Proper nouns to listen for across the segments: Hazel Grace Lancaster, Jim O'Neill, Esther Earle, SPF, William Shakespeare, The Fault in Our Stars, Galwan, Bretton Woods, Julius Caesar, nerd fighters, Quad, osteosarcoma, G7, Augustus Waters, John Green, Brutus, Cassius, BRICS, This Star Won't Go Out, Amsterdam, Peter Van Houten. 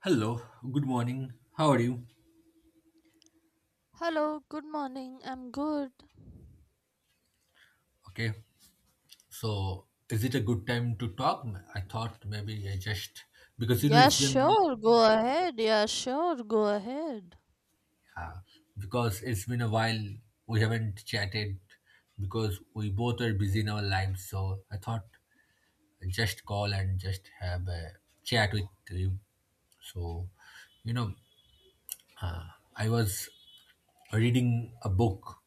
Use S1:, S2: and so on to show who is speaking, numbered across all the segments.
S1: Hello, good morning. How are you?
S2: Hello, good morning. I'm good.
S1: Okay, so is it a good time to talk? I thought maybe I just because you know
S2: Yeah,
S1: it's been
S2: sure, go ahead. Yeah, sure, go ahead.
S1: uh, because it's been a while we haven't chatted because we both are busy in our lives. So I thought I just call and just have a chat with you. So you know, I was reading a book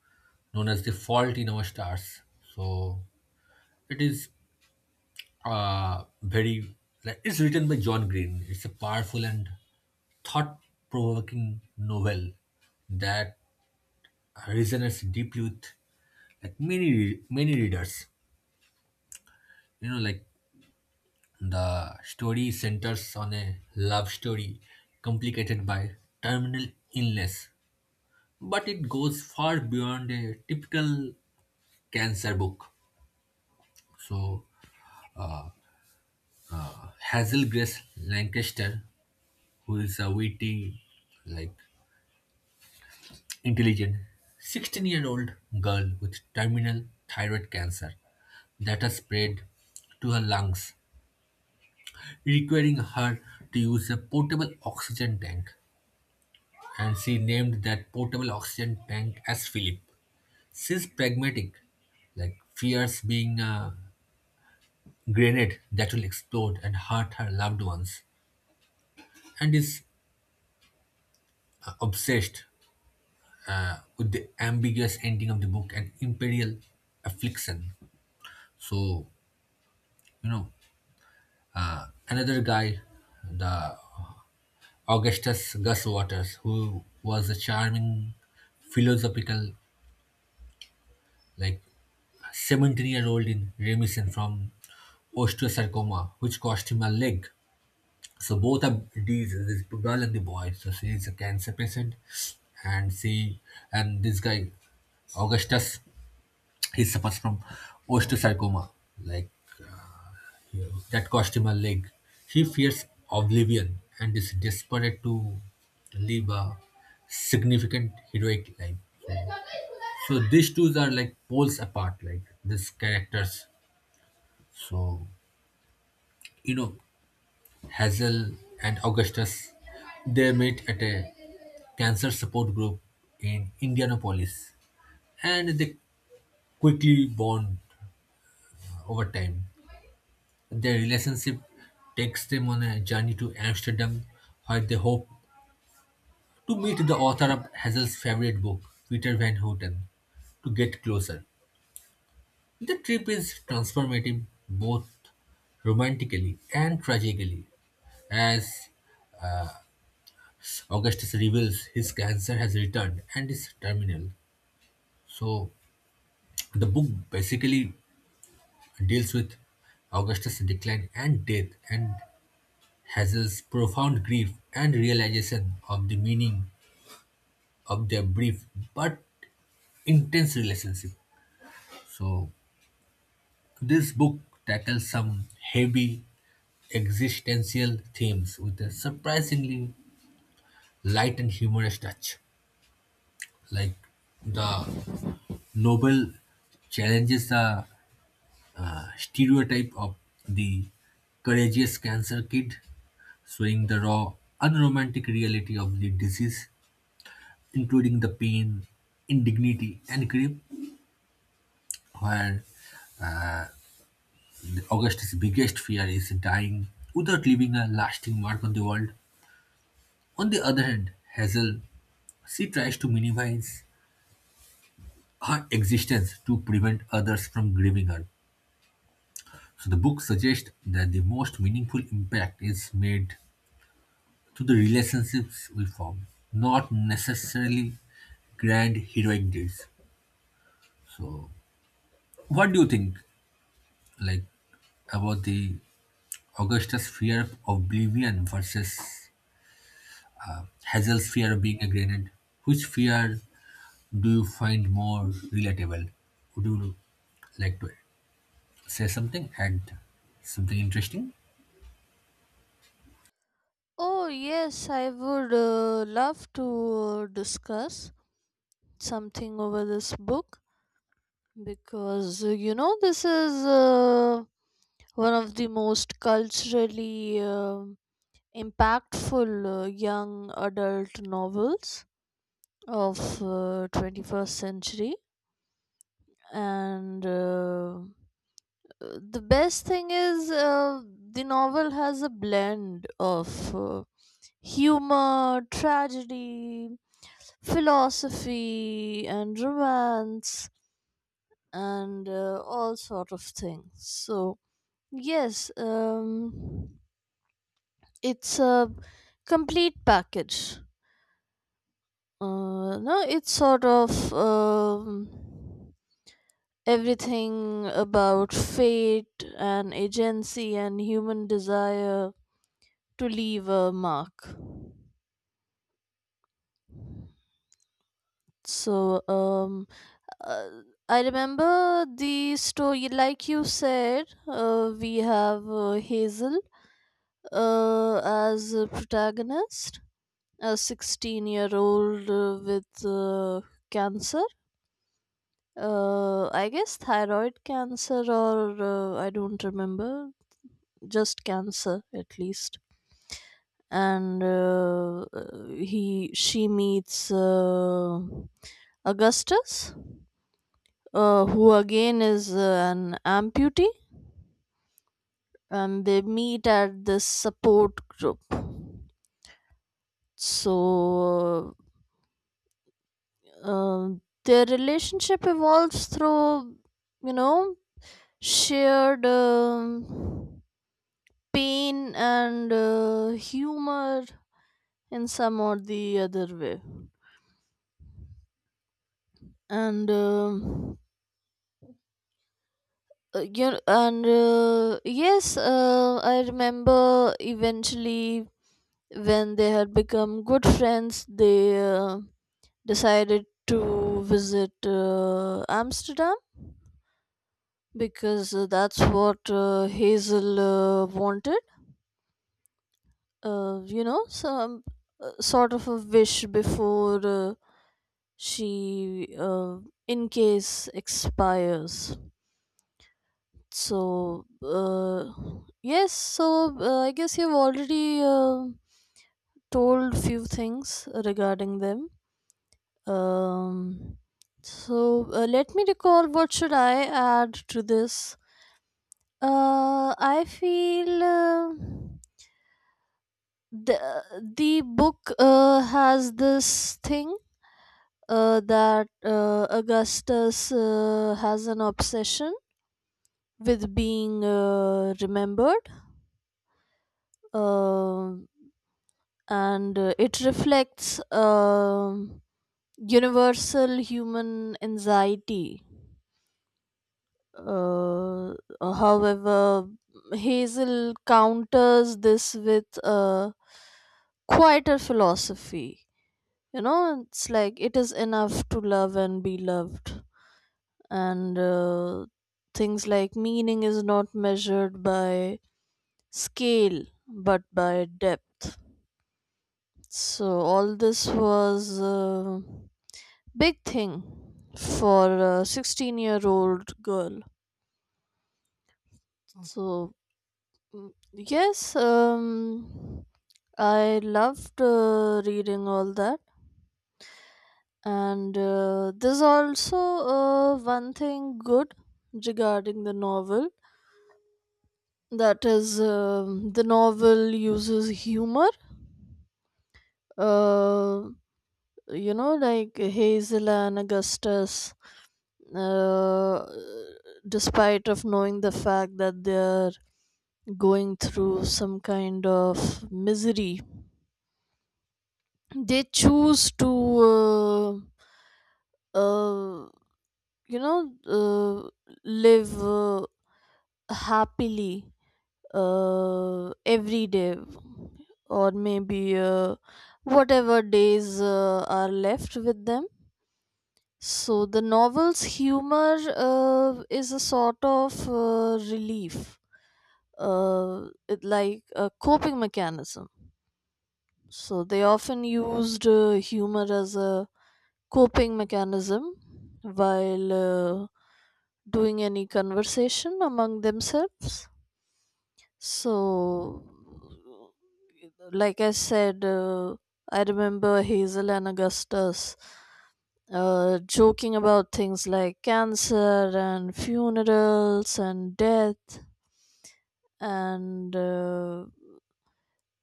S1: known as The Fault in Our Stars. So it is very like it's written by John Green. It's a powerful and thought-provoking novel that resonates deeply with like many readers. You know, like the story centers on a love story complicated by terminal illness, but it goes far beyond a typical cancer book. So Hazel Grace Lancaster, who is a witty, like intelligent 16-year-old girl with terminal thyroid cancer that has spread to her lungs, requiring her to use a portable oxygen tank. And she named that portable oxygen tank as Philip. She's pragmatic, like fears being a grenade that will explode and hurt her loved ones, and is obsessed with the ambiguous ending of the book and imperial affliction. So, you know, another guy, the Augustus Gus Waters, who was a charming, philosophical, like 17-year-old in remission from osteosarcoma, which cost him a leg. So both of these, this girl and the boy, so she is a cancer patient, and she and this guy Augustus, he suffers from osteosarcoma, like that cost him a leg. He fears oblivion and is desperate to live a significant heroic life. So these two are like poles apart, like these characters. So you know, Hazel and Augustus, they met at a cancer support group in Indianapolis, and they quickly bond over time. Their relationship takes them on a journey to Amsterdam, where they hope to meet the author of Hazel's favorite book, Peter Van Houten, to get closer. The trip is transformative both romantically and tragically, as Augustus reveals his cancer has returned and is terminal. So, the book basically deals with Augustus' decline and death, and Hazel's profound grief and realization of the meaning of their brief but intense relationship. So, this book tackles some heavy existential themes with a surprisingly light and humorous touch. Like the novel challenges the stereotype of the courageous cancer kid, showing the raw, unromantic reality of the disease, including the pain, indignity, and grief, where Augustus' biggest fear is dying without leaving a lasting mark on the world. On the other hand, Hazel, she tries to minimize her existence to prevent others from grieving her. So the book suggests that the most meaningful impact is made through the relationships we form, not necessarily grand heroic deeds. So, what do you think, like, about the Augustus' fear of oblivion versus Hazel's fear of being a grenade? Which fear do you find more relatable? Would you like to say something, add something interesting.
S2: Oh, yes, I would love to discuss something over this book because you know, this is one of the most culturally impactful young adult novels of 21st century. And the best thing is the novel has a blend of humor, tragedy, philosophy, and romance, and all sort of things. So yes, it's a complete package. No, it's sort of everything about fate and agency and human desire to leave a mark. So, um, uh, I remember the story. Like you said, we have Hazel as a protagonist, a 16-year-old year old with cancer. I guess thyroid cancer, or I don't remember, just cancer at least. And he she meets Augustus, who again is an amputee, and they meet at this support group. So uh, uh, their relationship evolves through, you know, shared pain and humor in some or the other way. And you know, and Yes, I remember eventually, when they had become good friends, they decided to visit Amsterdam because that's what Hazel wanted. You know, some sort of a wish before she, in case, expires. So, uh, yes, so I guess you've already told few things regarding them. Um, Let me recall what should I add to this. I feel the the book has this thing that Augustus has an obsession with being remembered, uh, and it reflects universal human anxiety. Uh, However, Hazel counters this with a quieter philosophy. You know, it's like it is enough to love and be loved, and things like meaning is not measured by scale but by depth. So, all this was a big thing for a 16-year-old year old girl. So, Mm, yes, I loved reading all that, and there's also one thing good regarding the novel, that is, the novel uses humor. Uh, you know, like Hazel and Augustus, uh, despite of knowing the fact that they're going through some kind of misery, they choose to uh, uh, you know uh, live happily every day, or maybe whatever days are left with them. So the novel's humor is a sort of relief. It like a coping mechanism. So they often used humor as a coping mechanism while doing any conversation among themselves. So, like I said, I remember Hazel and Augustus joking about things like cancer and funerals and death. And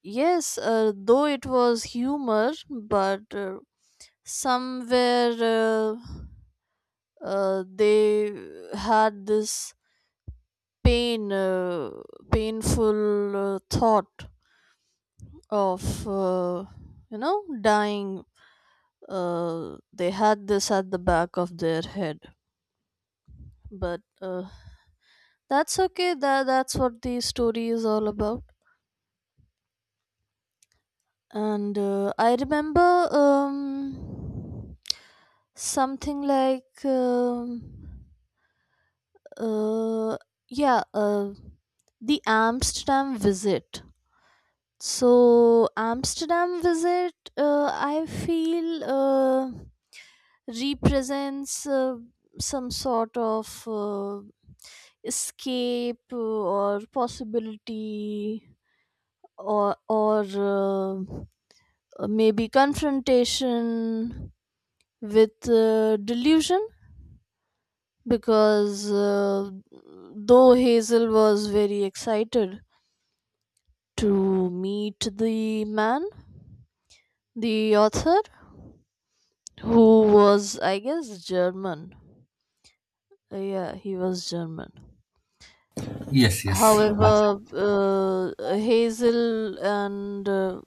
S2: yes, though it was humor, but somewhere, they had this pain uh, painful thought of, you know, dying. They had this at the back of their head, but that's okay. That's what the story is all about. And I remember something like uh, yeah, the Amsterdam visit. So Amsterdam visit, I feel represents some sort of escape or possibility, or maybe confrontation with delusion, because though Hazel was very excited to meet the man, the author, who was, I guess, German. Yeah, he was German.
S1: Yes, yes.
S2: However, Hazel and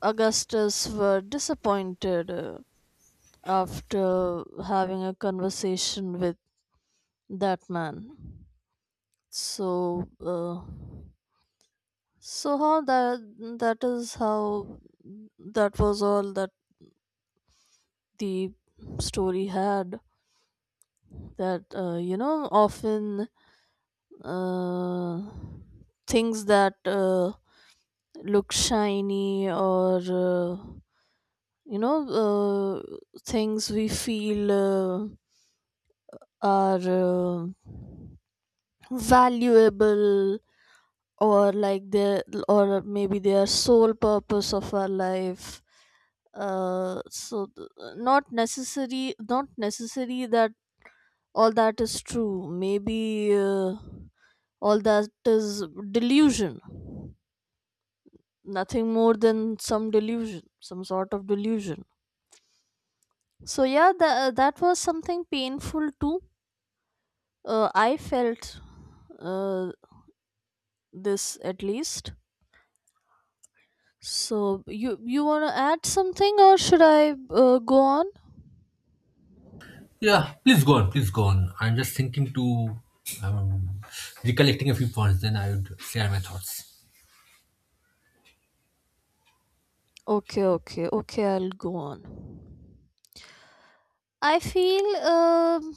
S2: Augustus were disappointed after having a conversation with that man. So, so how That is how that was all that the story had. That you know, often uh, things that look shiny, or you know uh, things we feel are uh, valuable, or like they, or maybe their sole purpose of our life. uh, so th- not necessary that all that is true. Maybe all that is delusion, nothing more than some delusion, some sort of delusion. So yeah, that was something painful too, I felt, uh, this at least. So you want to add something, or should I go on?
S1: Yeah, please go on, please go on. I'm just thinking to um, recollecting a few points, then I would share my thoughts.
S2: Okay, okay, okay, I'll go on. I feel, um,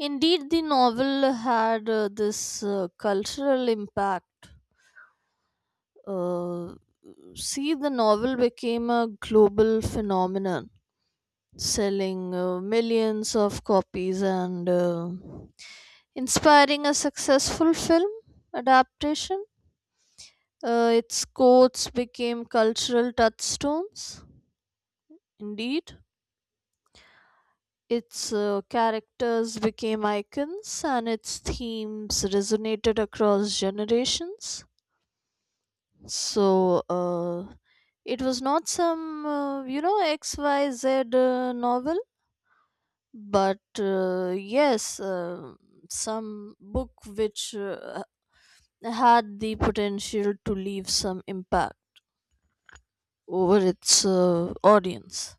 S2: indeed, the novel had this cultural impact. uh, See, the novel became a global phenomenon, selling millions of copies and inspiring a successful film adaptation. Its quotes became cultural touchstones. Indeed, its characters became icons, and its themes resonated across generations. So, it was not some, you know, XYZ novel, but yes, some book which had the potential to leave some impact over its audience.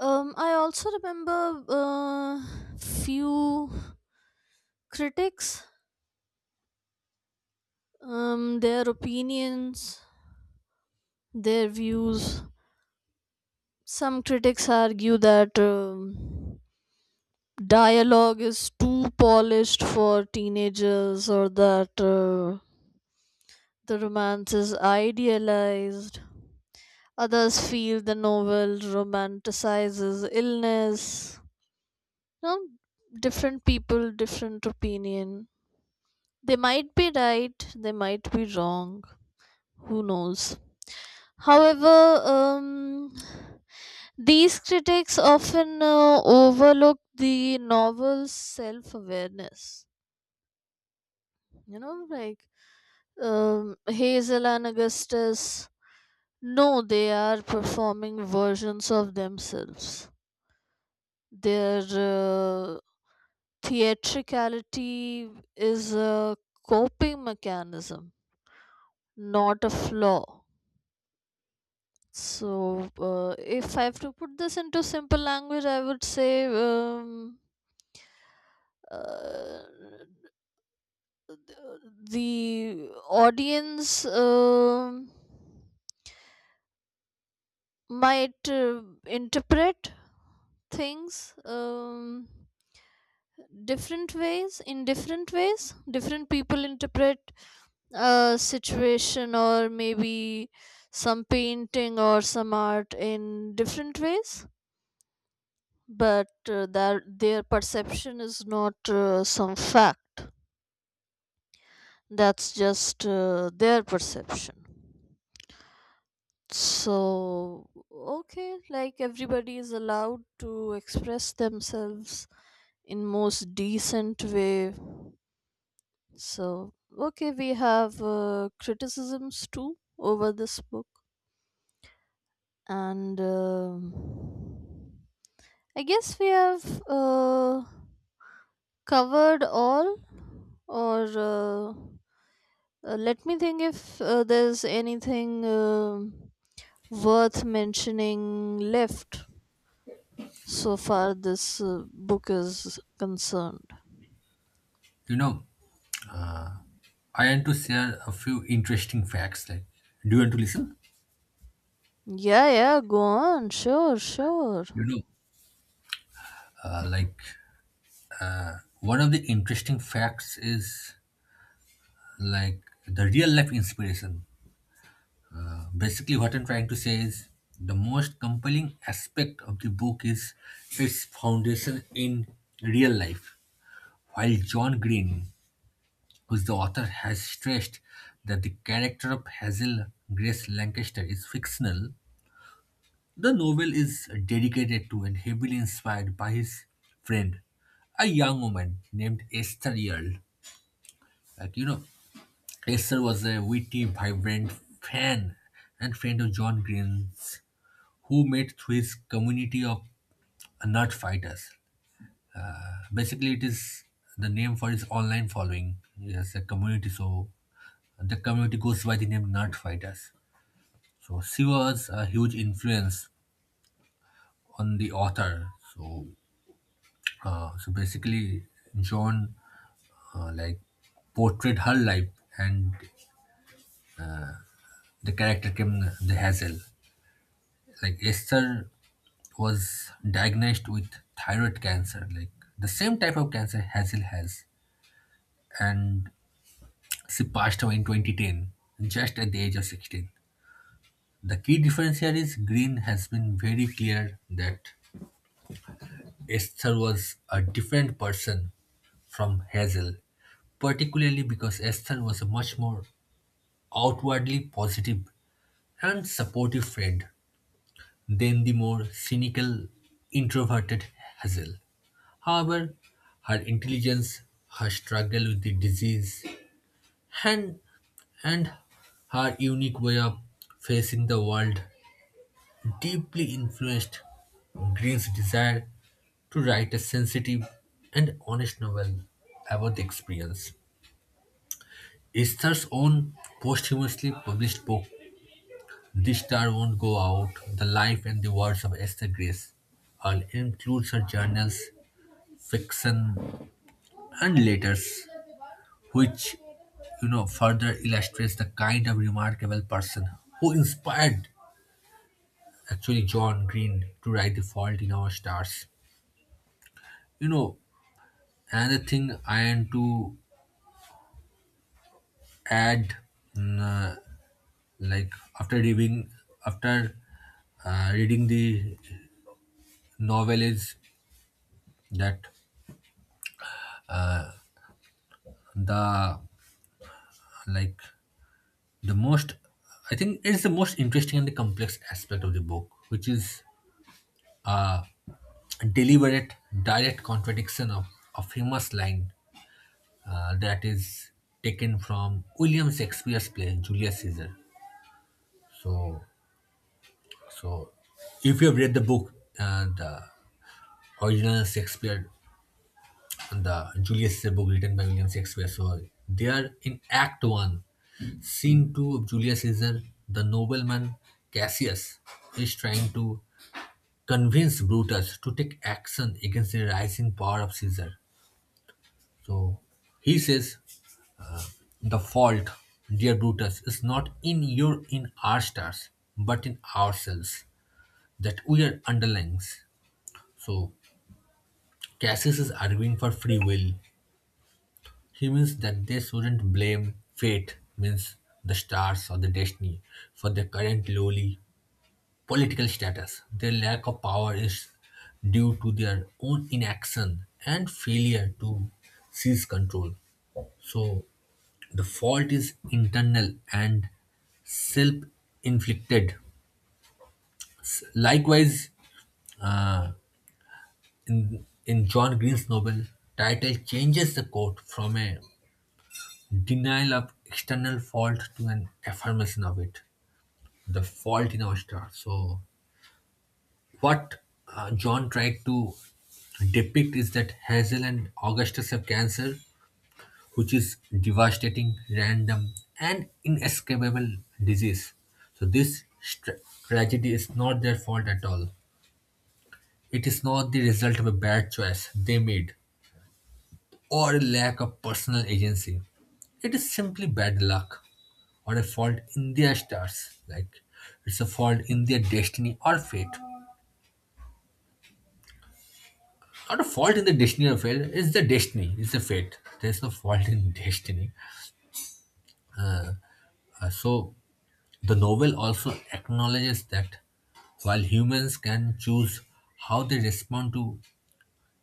S2: I also remember few critics, their opinions, their views. Some critics argue that dialogue is too polished for teenagers, or that the romance is idealized. Others feel the novel romanticizes illness. You know, different people, different opinion. They might be right, they might be wrong. Who knows? However, these critics often overlook the novel's self awareness. You know, like, Hazel and Augustus, no, they are performing versions of themselves. Their theatricality is a coping mechanism, not a flaw. So, if I have to put this into simple language, I would say, uh, the audience might interpret things. Different ways in different ways different people interpret a situation, or maybe some painting or some art, in different ways. But their perception is not some fact. That's just their perception. So, okay, like everybody is allowed to express themselves in most decent way. So, okay, we have criticisms too over this book, and I guess we have covered all, or let me think if there's anything worth mentioning left so far this book is concerned.
S1: You know, I want to share a few interesting facts. Like, do you want to listen?
S2: Yeah, yeah, go on, sure, sure.
S1: You know, uh, like one of the interesting facts is like the real life inspiration. Basically, what I'm trying to say is the most compelling aspect of the book is its foundation in real life. While John Green, who's the author, has stressed that the character of Hazel Grace Lancaster is fictional, the novel is dedicated to and heavily inspired by his friend, a young woman named Esther Earle. Like, you know, Esther was a witty, vibrant fan and friend of John Green's who met through his community of nerd fighters. Basically, it is the name for his online following. Yes, a community. So the community goes by the name nerd fighters. So she was a huge influence on the author. So basically, John uh, like portrayed her life, and the character came the Hazel. Like Esther was diagnosed with thyroid cancer, like the same type of cancer Hazel has, and she passed away in 2010, just at the age of 16. The key difference here is Green has been very clear that Esther was a different person from Hazel, particularly because Esther was a much more outwardly positive and supportive friend than the more cynical, introverted Hazel. However, her intelligence, her struggle with the disease, and, and her unique way of facing the world deeply influenced Green's desire to write a sensitive and honest novel about the experience. Esther's own posthumously published book, This Star Won't Go Out: The Life and the Words of Esther Grace, and includes her journals, fiction, and letters, which you know further illustrates the kind of remarkable person who inspired actually John Green to write The Fault in Our Stars. You know, another thing I want to add mm, like after reading after reading the novel is that the like the most, I think it's the most interesting and the complex aspect of the book, which is uh, deliberate direct contradiction of a famous line that is taken from William Shakespeare's play Julius Caesar. So so if you have read the book, the original Shakespeare, the Julius is a book written by William Shakespeare. So they are in Act 1, Scene 2 of Julius Caesar, the nobleman Cassius is trying to convince Brutus to take action against the rising power of Caesar. So he says, the fault, dear Brutus, is not in our stars, but in ourselves, that we are underlings. So Cassius is arguing for free will. He means that they shouldn't blame fate, means the stars or the destiny, for their current lowly political status. Their lack of power is due to their own inaction and failure to seize control. So the fault is internal and self-inflicted. Likewise, uh, in John Green's novel, title changes the quote from a denial of external fault to an affirmation of it, the fault in our star. So, what John tried to depict is that Hazel and Augustus have cancer, which is devastating, random, and inescapable disease. So, this tragedy is not their fault at all. It is not the result of a bad choice they made, or a lack of personal agency. It is simply bad luck or a fault in their stars. Like it's a fault in their destiny or fate. Not a fault in the destiny or fate, it's the destiny, it's the fate. There's no fault in destiny. So the novel also acknowledges that while humans can choose how they respond to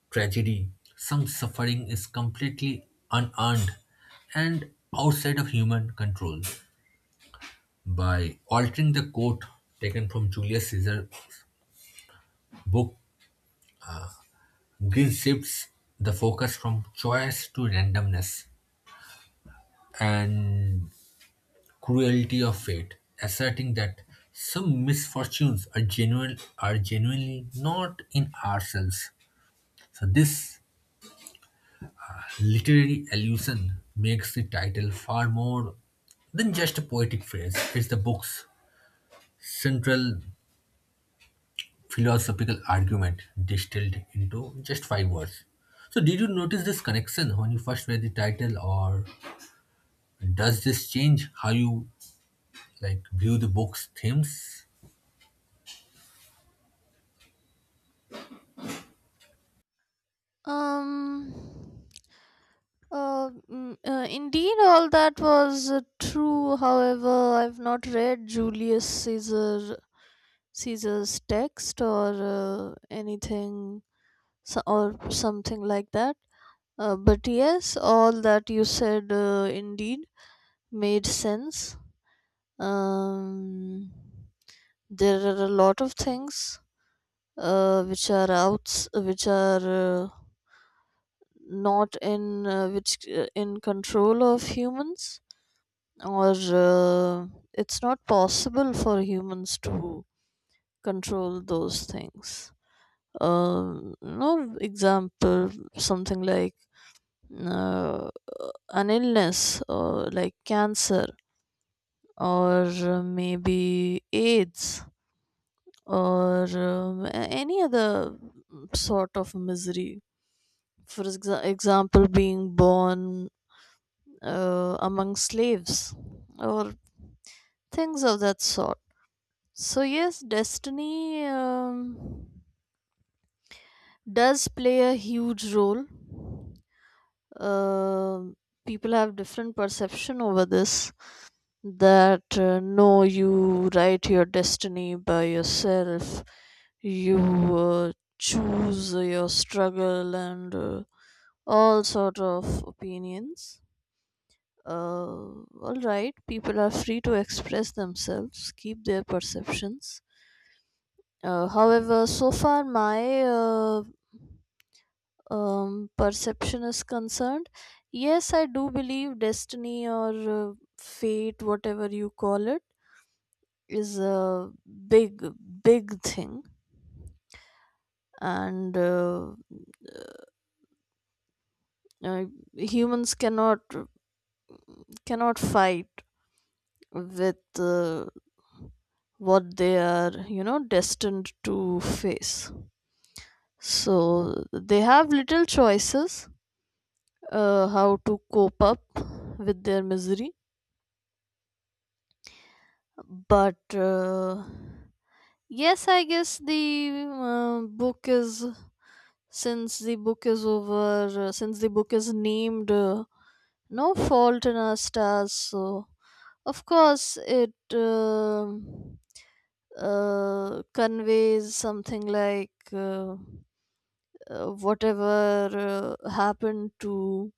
S1: tragedy, some suffering is completely unearned and outside of human control. By altering the quote taken from Julius Caesar's book, Greece shifts the focus from choice to randomness and cruelty of fate, asserting that some misfortunes are genuinely not in ourselves. So this literary allusion makes the title far more than just a poetic phrase. It's the book's central philosophical argument distilled into just 5 words. So, did you notice this connection when you first read the title, or does this change how you like view the book's themes?
S2: Um. Indeed, all that was true. However, I've not read Julius Caesar Caesar's text or anything, so, or something like that. But yes, all that you said, indeed made sense. Um, there are a lot of things which are not in which in control of humans, or it's not possible for humans to control those things. No, example, something like uh, an illness, or like cancer, or maybe AIDS, or any other sort of misery. For example, being born among slaves, or things of that sort. So, yes, destiny does play a huge role. Um People have different perception over this, that no, you write your destiny by yourself, you uh, choose your struggle, and all sort of opinions. All right, people are free to express themselves, keep their perceptions. However, so far my perception is concerned, yes, I do believe destiny, or fate, whatever you call it, is a big, big thing, and uh, humans cannot fight with what they are, you know, destined to face. So they have little choices how to cope up with their misery, but. Yes, I guess the book is since the book is over, since the book is named, No Fault in Our Stars, so of course it conveys something like, whatever happened to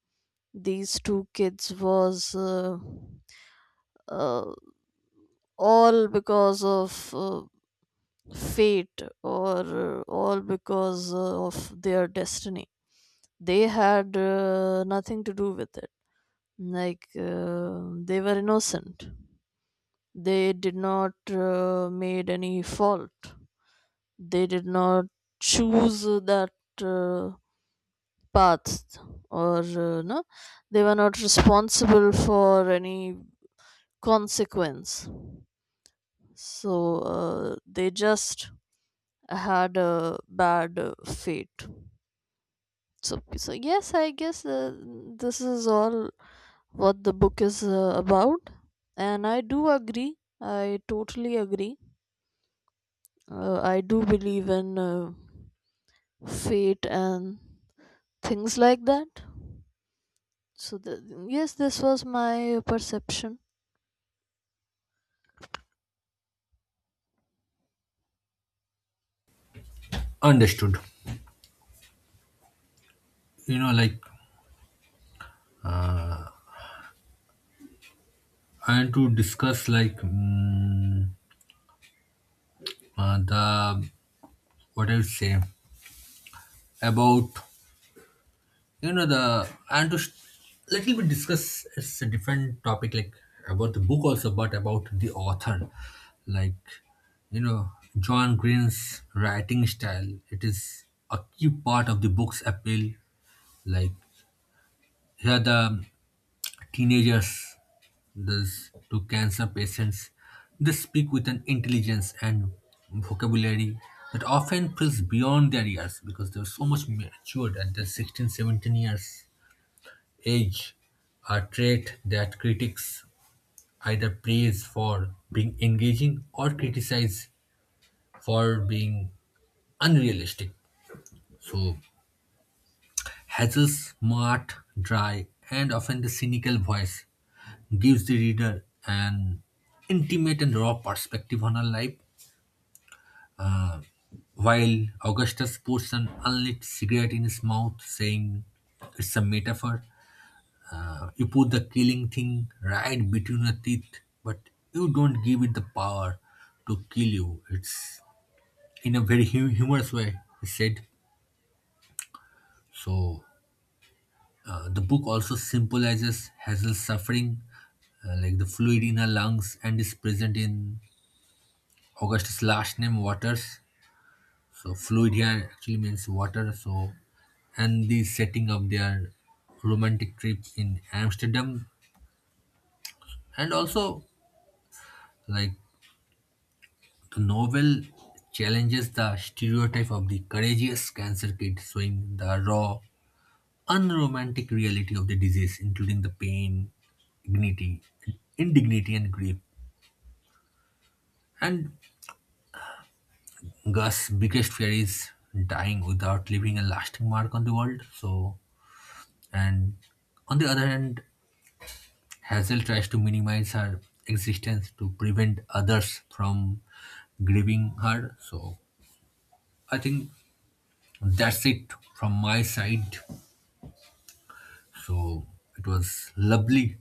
S2: these two kids was uh, all because of fate, or all because of their destiny. They had nothing to do with it. Like, they were innocent. They did not made any fault. They did not choose that uh, path, or no. They were not responsible for any consequence. So they just had a bad fate. So, so yes, I guess this is all what the book is about, and I do agree. I totally agree. I do believe in fate and things like that. Yes, this was my perception.
S1: Understood. You know, like I want to discuss like mm, the what I would say about you know the and to sh- little bit discuss, it's a different topic, like about the book also but about the author. Like, you know, John Green's writing style, it is a key part of the book's appeal. Like here the teenagers, those to cancer patients, they speak with an intelligence and vocabulary that often feels beyond their years because they're so much matured at their 16, 17 years age, a trait that critics either praise for being engaging or criticize for being unrealistic. So, Hazel's smart, dry, and often the cynical voice gives the reader an intimate and raw perspective on her life, Uh, while Augustus puts an unlit cigarette in his mouth, saying it's a metaphor. You put the killing thing right between your teeth, but you don't give it the power to kill you. It's in a very humorous way, he said. So, the book also symbolizes Hazel's suffering, like the fluid in her lungs, and is present in Augustus' last name, Waters. So, fluid here actually means water. So, and the setting of their romantic trip in Amsterdam, and also like the novel challenges the stereotype of the courageous cancer kid, showing the raw, unromantic reality of the disease, including the pain, dignity, indignity, and grief. And Gus' biggest fear is dying without leaving a lasting mark on the world. So, and on the other hand, Hazel tries to minimize her existence to prevent others from grieving her. So, I think that's it from my side. So it was lovely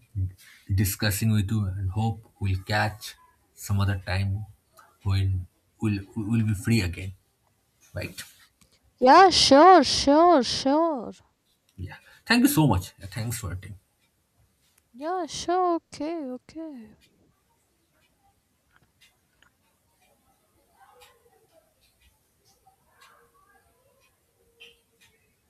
S1: discussing with you and hope we'll catch some other time when we'll be free again, right?
S2: Yeah, sure, sure, sure.
S1: Yeah. Thank you so much. Yeah, thanks for attending.
S2: Yeah, sure, okay, okay.